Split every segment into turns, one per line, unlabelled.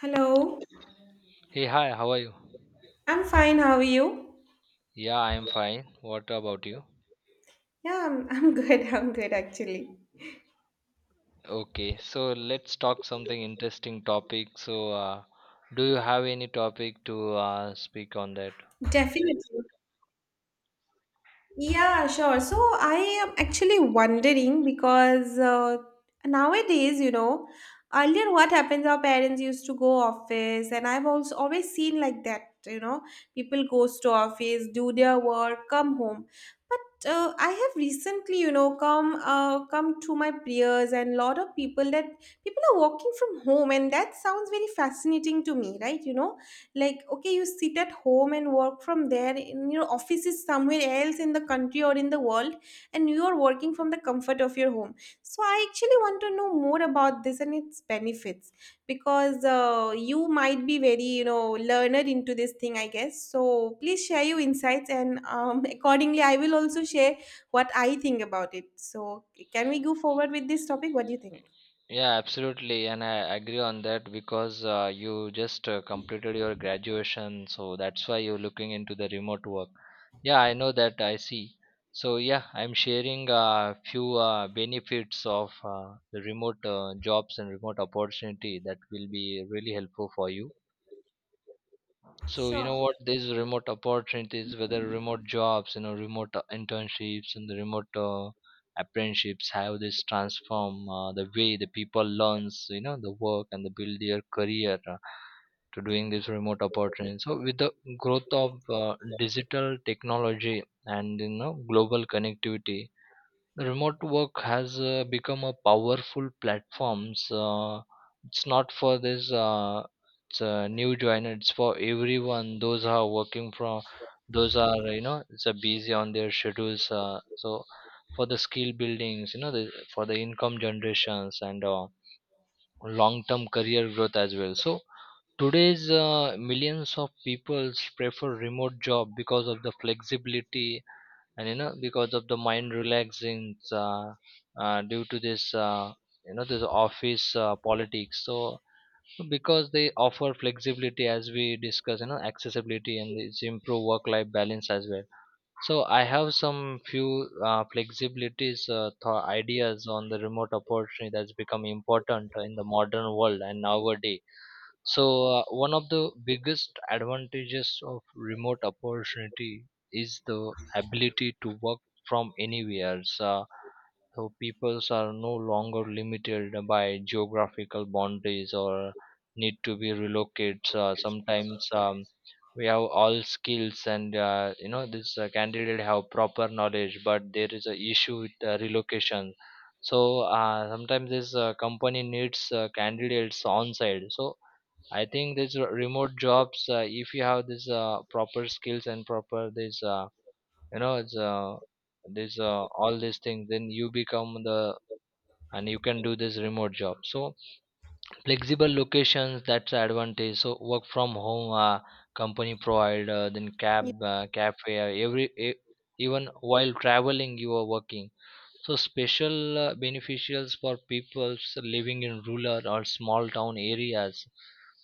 Hello,
Hey, hi, how are you?
I'm fine. How are you?
Yeah, I'm fine. What about you?
I'm good. I'm good actually.
Okay, so let's talk something interesting topic. So, do you have any topic to speak on that?
Definitely. Yeah, sure. So I am actually wondering because nowadays, you know, earlier what happens, our parents used to go office, and I've also always seen like that, you know, people goes to office, do their work, come home. But I have recently, you know, come to my peers and lot of people that people are working from home, and that sounds very fascinating to me, right? You know, like okay, you sit at home and work from there, and your office is somewhere else in the country or in the world, and you are working from the comfort of your home. So I actually want to know more about this and its benefits, because you might be very, you know, learner into this thing, I guess. So please share your insights, and accordingly I will also share what I think about it. So can we go forward with this topic? What do you think?
Yeah, absolutely, and I agree on that because you just completed your graduation, so that's why you're looking into the remote work. Yeah, I know that. I see. So yeah, I'm sharing a few benefits of the remote jobs and remote opportunity that will be really helpful for you. So you
Sure.
know what these remote opportunities, whether remote jobs, you know, remote internships and the remote apprenticeships, how this transform the way the people learns, you know, the work and the build their career to doing this remote opportunity. So with the growth of digital technology and you know global connectivity, remote work has become a powerful platforms, it's not for this, it's a new joiner, it's for everyone, those are working from, those are, you know, it's a busy on their schedules, so for the skill buildings, you know, the, for the income generations, and long term career growth as well. So today's millions of people prefer remote job because of the flexibility, and you know, because of the mind relaxing, due to this, you know, this office politics. So because they offer flexibility, as we discuss, you know, accessibility, and it's improve work life balance as well. So I have some few flexibilities, ideas on the remote opportunity that's become important in the modern world and nowadays. So, one of the biggest advantages of remote opportunity is the ability to work from anywhere. So peoples are no longer limited by geographical boundaries or need to be relocated. So sometimes we have all skills, and you know this candidate have proper knowledge, but there is a issue with relocation. So sometimes this company needs candidates on site. So I think this remote jobs, if you have this proper skills and proper this, you know, it's this all these things, then you become the, and you can do this remote job. So flexible locations, that's the advantage. So work from home, company provide, then cab, cafe, every even while traveling you are working. So special beneficials for peoples living in rural or small town areas,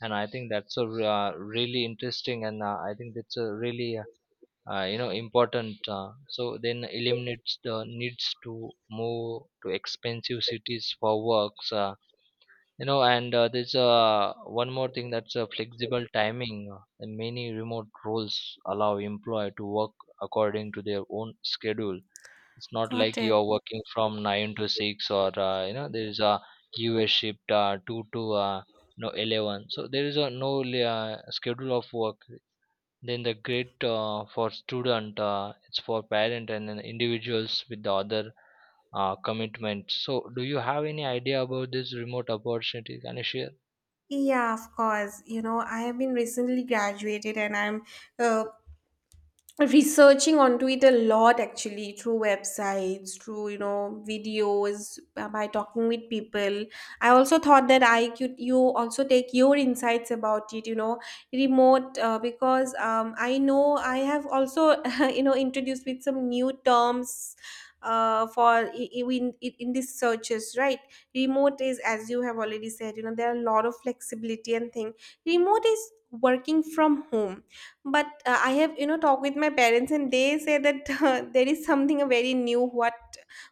and I think that's a really interesting, and I think that's a really you know important. So then eliminates the needs to move to expensive cities for works. You know, and there's one more thing, that's flexible timing, and many remote roles allow employer to work according to their own schedule. It's not
Got
like
it.
you're working from 9 to 6, or you know there is a US shift, 2 to no, 11. So there is a no schedule of work, then the great for student, it's for parent, and then individuals with the other commitment. So do you have any idea about this remote opportunity? Can you share?
Yeah, of course. You know, I have been recently graduated, and I'm uh, researching onto it a lot, actually, through websites, through, you know, videos, by talking with people. I also thought that I could, you also take your insights about it, you know, remote, because I know I have also you know introduced with some new terms, for I- in these searches, right? Remote is, as you have already said, you know, there are a lot of flexibility and thing. Remote is working from home. But I have, you know, talked with my parents, and they say that there is something very new. what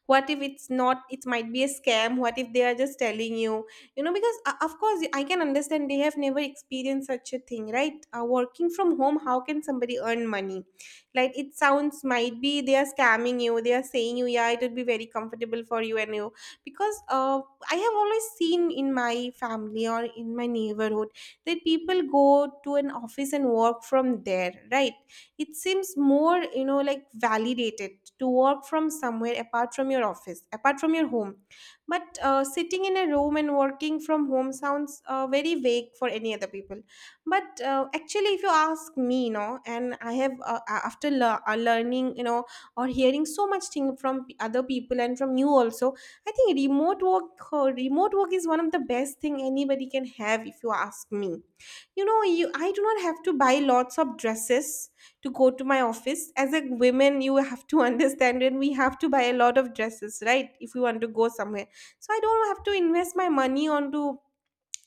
what if it's not, it might be a scam? What if they are just telling you? You know, because of course, I can understand they have never experienced such a thing, right? Working from home, how can somebody earn money? Like, it sounds, might be they are scamming you. They are saying you, yeah, it would be very comfortable for you. And you, because I have always seen in my family or in my neighborhood that people go to an office and work from there, right? It seems more, you know, like validated to work from somewhere apart from your office, apart from your home. But sitting in a room and working from home sounds very vague for any other people. But actually, if you ask me, you know, and I have after learning, you know, or hearing so much thing from other people and from you also, I think remote work is one of the best thing anybody can have, if you ask me. You know, you, I do not have to buy lots of dresses to go to my office. As a woman, you have to understand, and we have to buy a lot of dresses, right? If we want to go somewhere. So I don't have to invest my money onto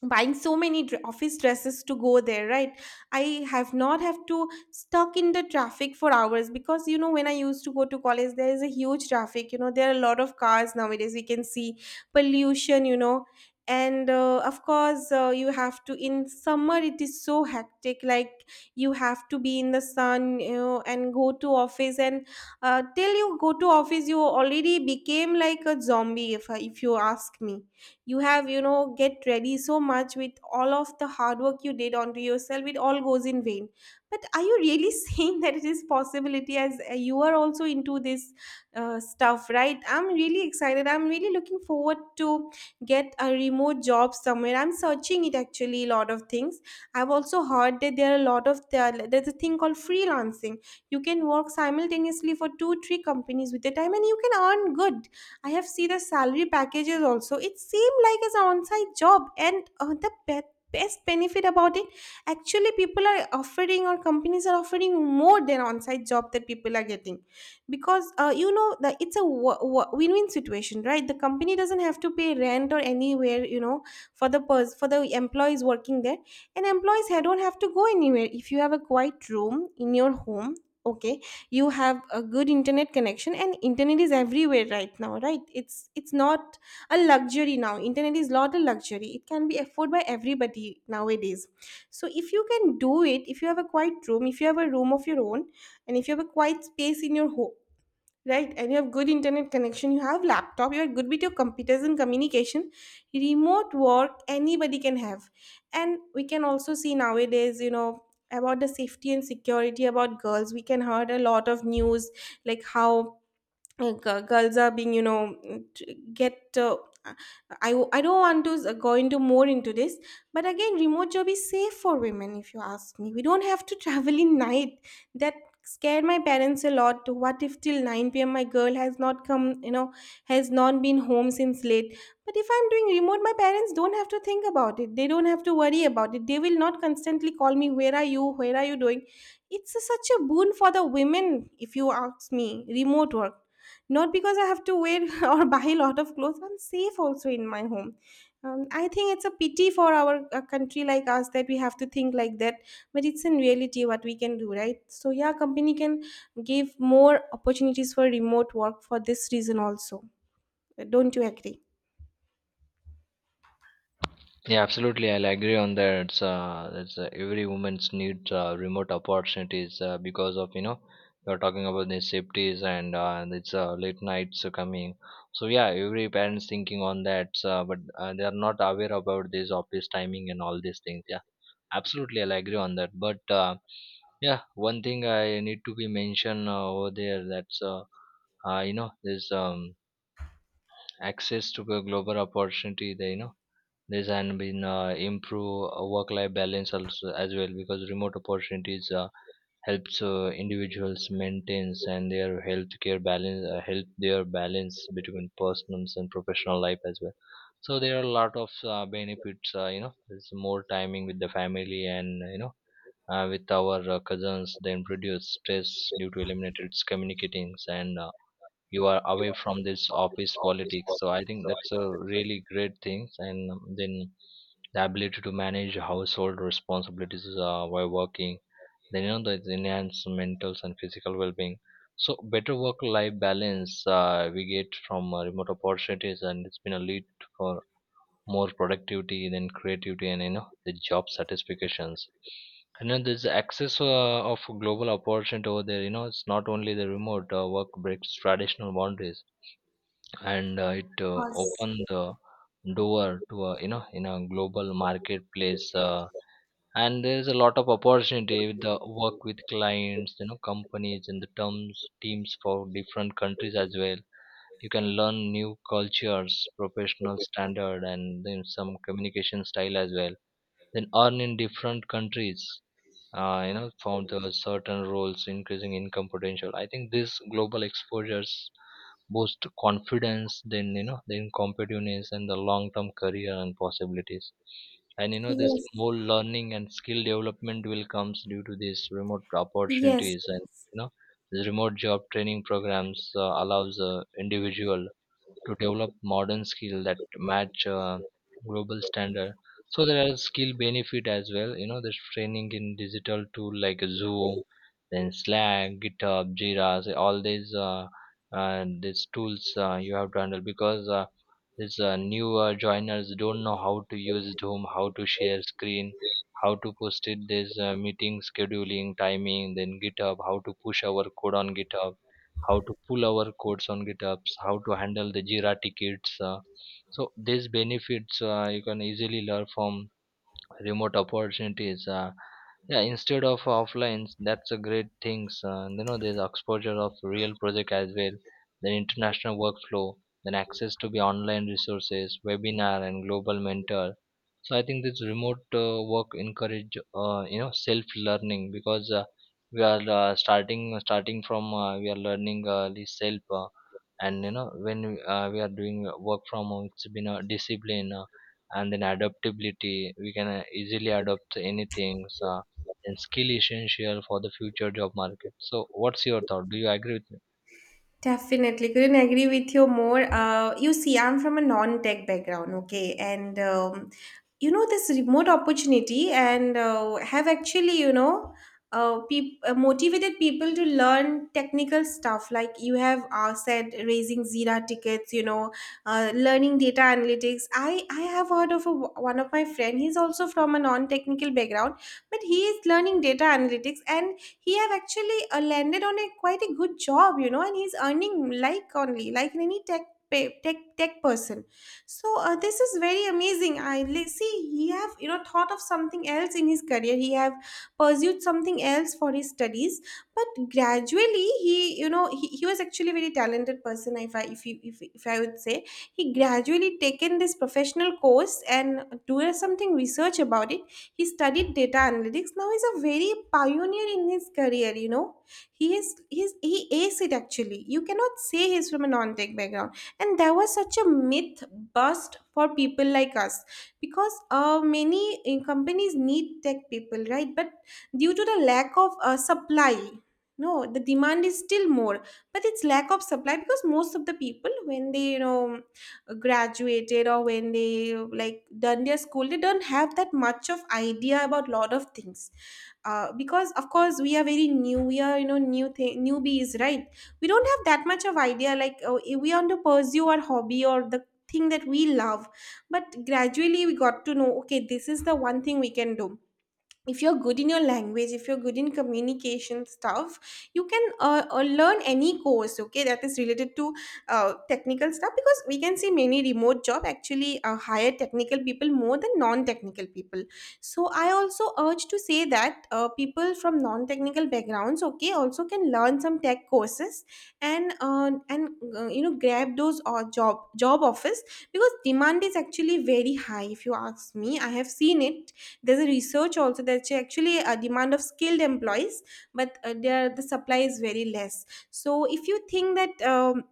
buying so many office dresses to go there, right? I have not have to stuck in the traffic for hours, because, you know, when I used to go to college, there is a huge traffic. You know, there are a lot of cars nowadays, we can see pollution, you know. And of course, you have to, in summer it is so hectic, like you have to be in the sun, you know, and go to office. And till you go to office, you already became like a zombie, if you ask me. You have, you know, get ready so much, with all of the hard work you did onto yourself, it all goes in vain. But are you really saying that it is possibility, as you are also into this stuff, right? I'm really excited, I'm really looking forward to get a remote job somewhere. I'm searching it, actually, a lot of things. I've also heard that there are a lot of, there's a thing called freelancing. You can work simultaneously for 2 3 companies with the time, and you can earn good. I have seen the salary packages also. It seemed like as an on-site job, and the best benefit about it, actually, people are offering, or companies are offering more than on-site job that people are getting, because you know that it's a win-win situation, right? The company doesn't have to pay rent or anywhere, you know, for the for the employees working there, and employees don't have to go anywhere. If you have a quiet room in your home, okay, you have a good internet connection, and internet is everywhere right now, right? It's not a luxury now, internet is not a luxury, it can be afforded by everybody nowadays. So if you can do it, if you have a quiet room, if you have a room of your own, and if you have a quiet space in your home, right, and you have good internet connection, you have laptop, you are good with your computers and communication, remote work anybody can have. And we can also see nowadays, you know, about the safety and security about girls, we can heard a lot of news, like how girls are being, you know, t- get I don't want to go into more into this. But again, remote job is safe for women, if you ask me. We don't have to travel in night. That scared my parents a lot. What if till 9 p.m. my girl has not come, you know, has not been home since late? But if I'm doing remote, my parents don't have to think about it, they don't have to worry about it, they will not constantly call me, where are you, where are you doing. It's a, such a boon for the women, if you ask me, remote work. Not because I have to wear or buy a lot of clothes, I'm safe also in my home. I think it's a pity for our a country like us that we have to think like that. But it's in reality what we can do, right? So yeah, company can give more opportunities for remote work for this reason also. Don't you agree?
Yeah, absolutely. I'll agree on that. It's every woman's need remote opportunities, because of, you know, you're talking about the safeties, and and it's late nights are coming. So yeah, every parents thinking on that, but they are not aware about this office timing and all these things. Yeah, absolutely. I'll agree on that. But yeah, one thing I need to be mentioned over there, that's you know, there's access to the global opportunity. There, you know, this and been improve work life balance also as well, because remote opportunities helps individuals maintains and their healthcare balance, help their balance between personal and professional life as well. So there are a lot of benefits, you know, there's more timing with the family, and you know, with our cousins, then reduce stress due to eliminated communicatings, and you are away from this office politics. So I think that's a really great thing, and then the ability to manage household responsibilities while working, then you know the enhanced mental and physical well-being. So better work life balance we get from remote opportunities, and it's been a lead for more productivity, then creativity, and you know the job satisfactions. And then there's the access of global opportunity over there. You know, it's not only the remote work, breaks traditional boundaries, and it
Yes.
opened the door to a, you know, in a global marketplace, and there is a lot of opportunity with the work with clients, you know, companies, and the terms teams for different countries as well. You can learn new cultures, professional standard, and then some communication style as well, then earn in different countries. You know, found the certain roles increasing income potential. I think this global exposures boost confidence, then you know, then competitiveness and the long term career and possibilities. And you know this
Yes.
more learning and skill development will comes due to these remote
Yes.
opportunities. And you know these remote job training programs allows individual to develop modern skill that match global standard. So there are skill benefit as well. You know, there's training in digital tool like Zoom, then Slack, GitHub, Jira. So all these tools you have to handle, because these new joiners don't know how to use Zoom, how to share screen, how to post it this meeting scheduling timing, then GitHub, how to push our code on GitHub, how to pull our codes on GitHubs, how to handle the Jira tickets. So these benefits you can easily learn from remote opportunities. Yeah, instead of offline, that's a great things. You know, there's exposure of real project as well, then international workflow, then access to the online resources, webinar, and global mentor. So I think this remote work encourage you know self learning, because we are starting from, we are learning the self, and you know when we are doing work from home, it's been a discipline, and then adaptability we can easily adopt anything, uh, and skill essential for the future job market. So what's your thought? Do you agree with me?
Definitely, couldn't agree with you more. You see, I'm from a non-tech background, okay, and you know, this remote opportunity, and have actually, you know, motivated people to learn technical stuff. Like you have said, raising Jira tickets, you know, learning data analytics. I have heard of a, one of my friend. He's also from a non-technical background, but he is learning data analytics, and he have actually landed on a quite a good job, you know, and he's earning like only like any tech pay, tech person. So this is very amazing. See, he have, you know, thought of something else in his career, he have pursued something else for his studies, but gradually he, you know, he was actually a very talented person, if I if you if I would say. He gradually taken this professional course and do something research about it, he studied data analytics. Now he's a very pioneer in his career, you know. He is it, actually. You cannot say he's from a non-tech background. And there was such a myth bust for people like us, because many companies need tech people, right? But due to the lack of supply, no, the demand is still more, but it's lack of supply because most of the people when they graduated or when they like done their school, they don't have that much of idea about lot of things. Uh, because of course we are very new, we are new thing, newbies, right? We don't have that much of idea, like we want to pursue our hobby or the thing that we love, but gradually we got to know okay, this is the one thing we can do. If you're good in your language, if you're good in communication stuff, you can learn any course, okay, that is related to technical stuff, because we can see many remote job actually hire technical people more than non-technical people. So I also urge to say that people from non-technical backgrounds, okay, also can learn some tech courses, and grab those job offers, because demand is actually very high. If you ask me, I have seen it. There's a research also that actually a demand of skilled employees, but there the supply is very less. So if you think that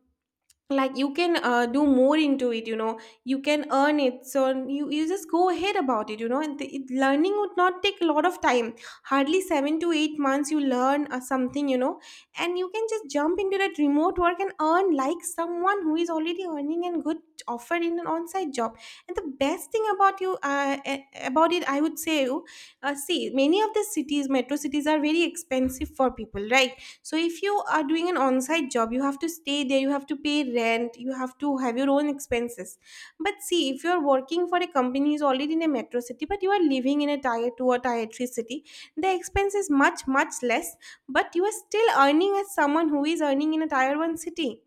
like you can do more into it, you know you can earn it, so you just go ahead about it, you know. And learning would not take a lot of time, hardly 7 to 8 months you learn something, you know, and you can just jump into that remote work and earn like someone who is already earning and good offer in an on-site job. And the best thing about you about it, I would say, you see many of the cities, metro cities, are very expensive for people, right? So if you are doing an on-site job, you have to stay there, you have to pay rent, you have to have your own expenses. But see, if you're working for a company who's already in a metro city but you are living in a tier 2 or tier 3 city, the expense is much much less, but you are still earning as someone who is earning in a tier 1 city.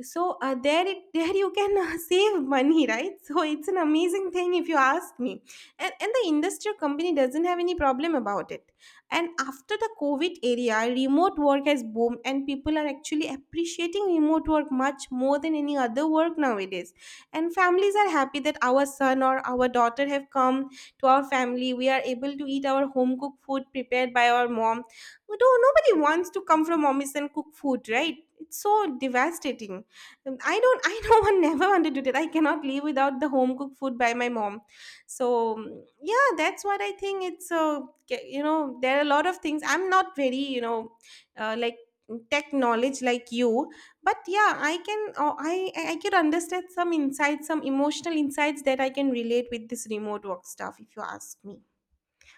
So there you can save money, right? So it's an amazing thing if you ask me. And the industrial company doesn't have any problem about it. And after the COVID area, remote work has boomed, and people are actually appreciating remote work much more than any other work nowadays. And families are happy that our son or our daughter have come to our family. We are able to eat our home cooked food prepared by our mom. No, nobody wants to come from office and cook food, right? It's so devastating. I don't, I know, I never wanted to do that. I cannot live without the home cooked food by my mom. So, yeah, that's what I think. It's so, you know, there are a lot of things. I'm not very, you know, like tech knowledge like you, but yeah, I can, oh, I can understand some insights, some emotional insights that I can relate with this remote work stuff, if you ask me.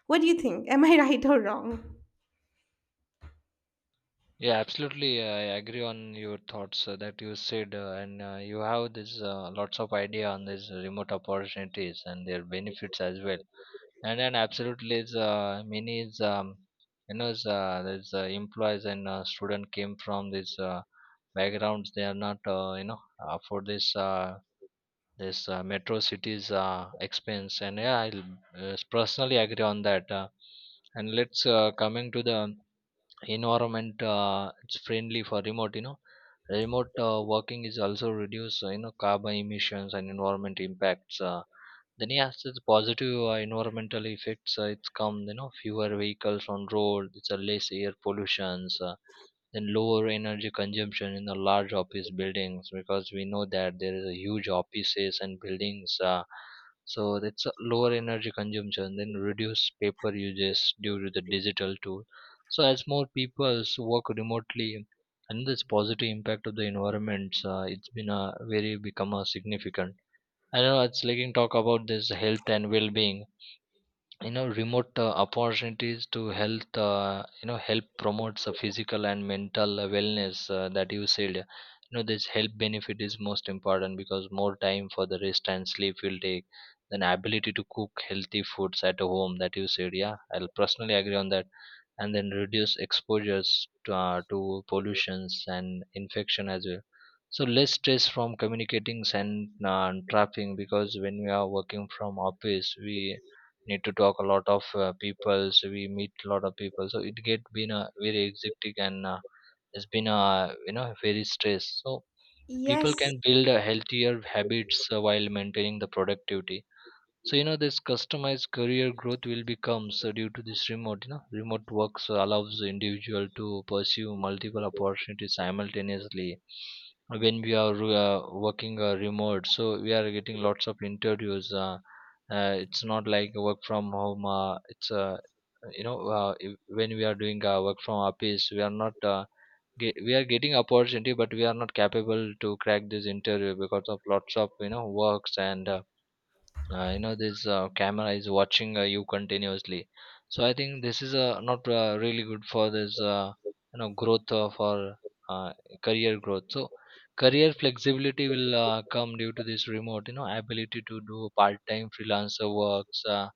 What do you think? Am I right or wrong?
Yeah, absolutely. I agree on your thoughts that you said, and you have this lots of idea on these remote opportunities and their benefits as well. And then absolutely, is many is, you know is, there's employees and student came from this backgrounds. They are not you know, for this this metro cities expense. And yeah, I personally agree on that. And let's coming to the environment, it's friendly for remote, you know, remote working is also reduce, you know, carbon emissions and environment impacts, then yes, it's positive environmental effects, it's come, you know, fewer vehicles on road, it's a less air pollutions, then lower energy consumption in the large office buildings, because we know that there is a huge offices and buildings, so that's a lower energy consumption, then reduce paper uses due to the digital tool. So as more people work remotely, and this positive impact of the environment, it's been a very become a significant. I know it's like you talk about this health and well-being. You know, remote opportunities to health, you know help promotes the physical and mental wellness, that you said. You know this health benefit is most important, because more time for the rest and sleep will take, then ability to cook healthy foods at home, that you said. Yeah, I'll personally agree on that. And then reduce exposures to, to pollutions and infection as well. So less stress from communicating and trapping, because when we are working from office, we need to talk a lot of people, so we meet a lot of people, so it get been a very hectic, and it's been a, you know, very stress. So people
Yes,
can build a healthier habits while maintaining the productivity. So you know this customized career growth will become so due to this remote, you know, remote work, so allows the individual to pursue multiple opportunities simultaneously. When we are working remote, so we are getting lots of interviews. It's not like work from home. It's you know, when we are doing work from office, we are not we are getting opportunity, but we are not capable to crack this interview because of lots of, you know, works and. You know this camera is watching you continuously. So I think this is not really good for this, you know, growth of our uh, career growth. So career flexibility will come due to this remote, you know, ability to do part time freelancer works,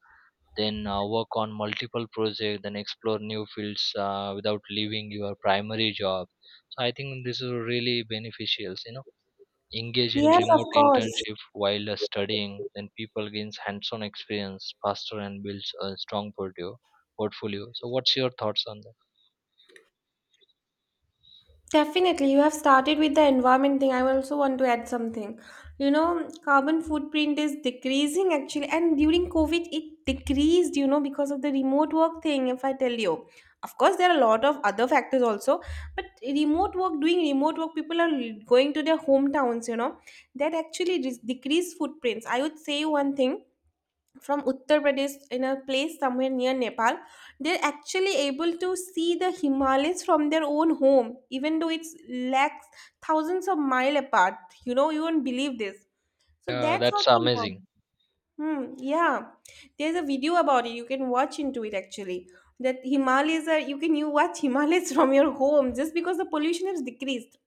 then work on multiple projects, then explore new fields without leaving your primary job. So I think this is really beneficial, you know, engage in
yes, of
remote
course.
internship while studying, then people gains hands-on experience faster, and builds a strong portfolio. So what's your thoughts on that?
Definitely, you have started with the environment thing. I also want to add something. You know, carbon footprint is decreasing actually, and during COVID, it decreased, you know, because of the remote work thing. If I tell you, of course, there are a lot of other factors also, but remote work, doing remote work, people are going to their hometowns, you know, that actually dis- decrease footprints. I would say one thing, from Uttar Pradesh in a place somewhere near Nepal, they're actually able to see the Himalayas from their own home, even though it's lakhs, thousands of mile apart. You know, you won't believe this. So
Yeah,
that's
that's
something. Wrong.
amazing.
Hmm, yeah, there's a video about it. You can watch into it actually. That Himalayas are, you can you watch Himalayas from your home just because the pollution has decreased,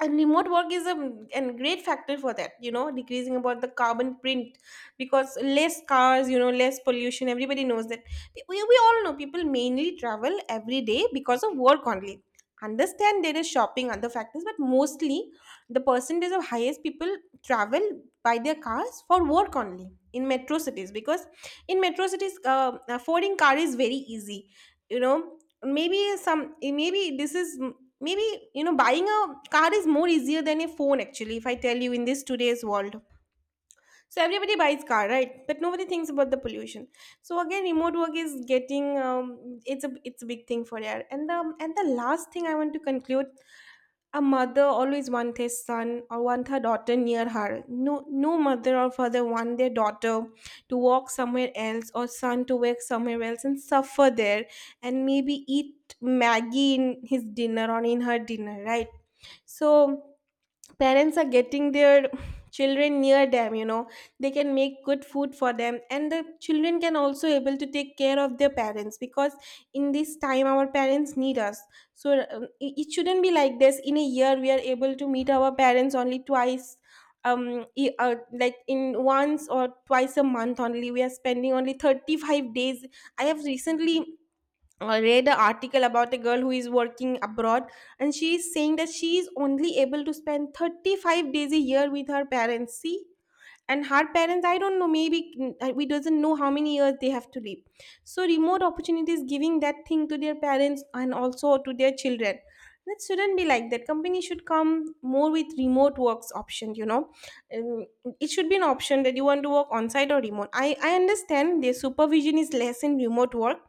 and remote work is a great factor for that, you know, decreasing about the carbon print, because less cars, you know less pollution, everybody knows that. We all know people mainly travel every day because of work only. Understand, there is shopping, other factors, but mostly the percentage of highest people travel by their cars for work only in metro cities, because in metro cities affording car is very easy, you know. Maybe some, maybe this is, maybe, you know, buying a car is more easier than a phone actually, if I tell you in this today's world. So everybody buys car, right? But nobody thinks about the pollution. So again, remote work is getting, it's a, it's a big thing for there. And the, and the last thing I want to conclude, a mother always wants her son or want her daughter near her. No, no mother or father want their daughter to walk somewhere else or son to work somewhere else and suffer there and maybe eat Maggie in his dinner or in her dinner, right? So parents are getting their children near them, you know, they can make good food for them and the children can also able to take care of their parents, because in this time our parents need us. So it, it shouldn't be like this, in a year we are able to meet our parents only twice. um i- uh, like, in once or twice a month only, we are spending only 35 days. I have recently read an article about a girl who is working abroad, and she is saying that she is only able to spend 35 days a year with her parents. See, and her parents, I don't know, maybe we doesn't know how many years they have to live. So remote opportunities giving that thing to their parents and also to their children. That shouldn't be like that, company should come more with remote works option, you know. Um, it should be an option that you want to work on site or remote. I understand their supervision is less in remote work,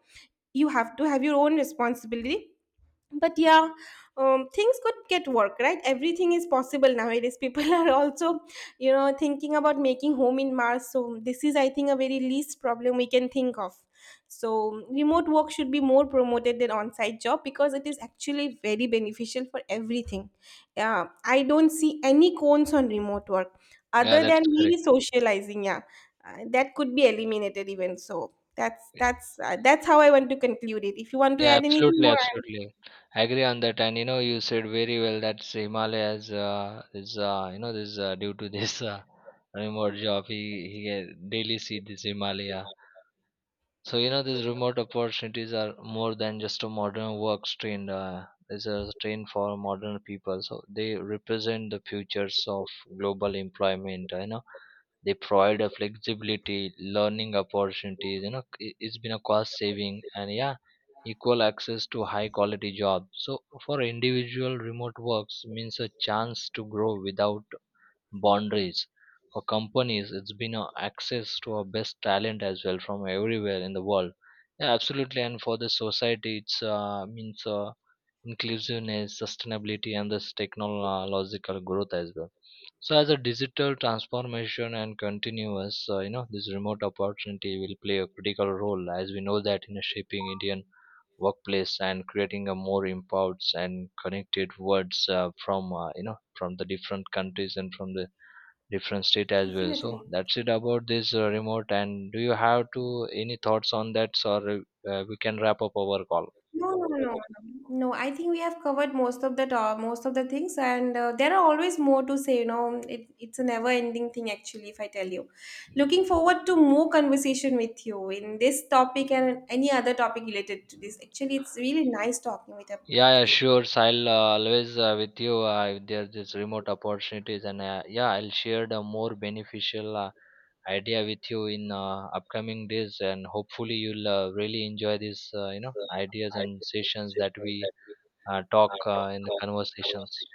you have to have your own responsibility, but yeah, things could get work, right? Everything is possible nowadays, people are also, you know, thinking about making home in Mars, so this is, I think, a very least problem we can think of. So remote work should be more promoted than on-site job, because it is actually very beneficial for everything. Yeah, I don't see any cons on remote work,
Yeah,
other than
that's correct.
maybe socializing. Yeah. That could be eliminated even. So that's, that's how I want to conclude it. If you want to
Yeah,
add anything
absolutely,
more.
absolutely. I agree on that. And you know, you said very well that Himalayas is, you know, this due to this remote job, he daily see this Himalaya. So you know these remote opportunities are more than just a modern work trained. It's a train for modern people. So they represent the futures of global employment. You know, they provide a flexibility, learning opportunities. You know, it's been a cost saving, and yeah, equal access to high quality jobs. So for individual, remote works means a chance to grow without boundaries. For companies, it's been a access to our best talent as well from everywhere in the world. Yeah, absolutely, and for the society, it's means inclusiveness, sustainability, and this technological growth as well. So as a digital transformation and continuous, you know, this remote opportunity will play a critical role, as we know that, in shaping Indian workplace and creating a more empowered and connected worlds, from, you know, from the different countries and from the different state as well. So
Definitely.
that's it about this remote. And do you have to any thoughts on that, or we can wrap up our call?
No, no, no, no. No, I think we have covered most of the to- most of the things, and there are always more to say. You know, it's a never-ending thing, actually. If I tell you, looking forward to more conversation with you in this topic and any other topic related to this. Actually, it's really nice talking with a- with.
Yeah, yeah, sure. So I'll always with you if there's this remote opportunities, and yeah, I'll share the more beneficial idea with you in upcoming days, and hopefully you'll really enjoy these, you know, ideas and sessions that we talk in the conversations.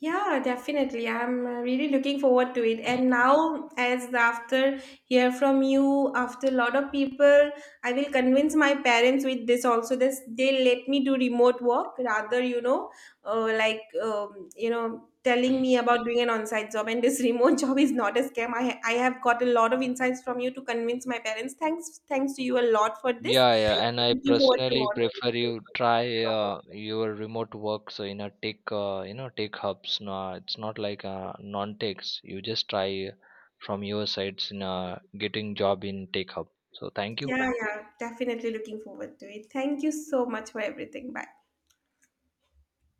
Yeah, definitely. I'm really looking forward to it. And now, as after hear from you, after a lot of people, I will convince my parents with this also. This they let me do remote work rather, you know, you know, telling me about doing an on-site job. And this remote job is not a scam. I have got a lot of insights from you to convince my parents. Thanks, thanks to you a lot for this.
Yeah, yeah, and I
Looking forward to
personally
more.
prefer you try your remote work. So in a tech, you know, tech hubs. No, it's not like non-techs. You just try from your sides in getting job in tech hub. So thank you.
Yeah, yeah, definitely looking forward to it. Thank you so much for everything. Bye.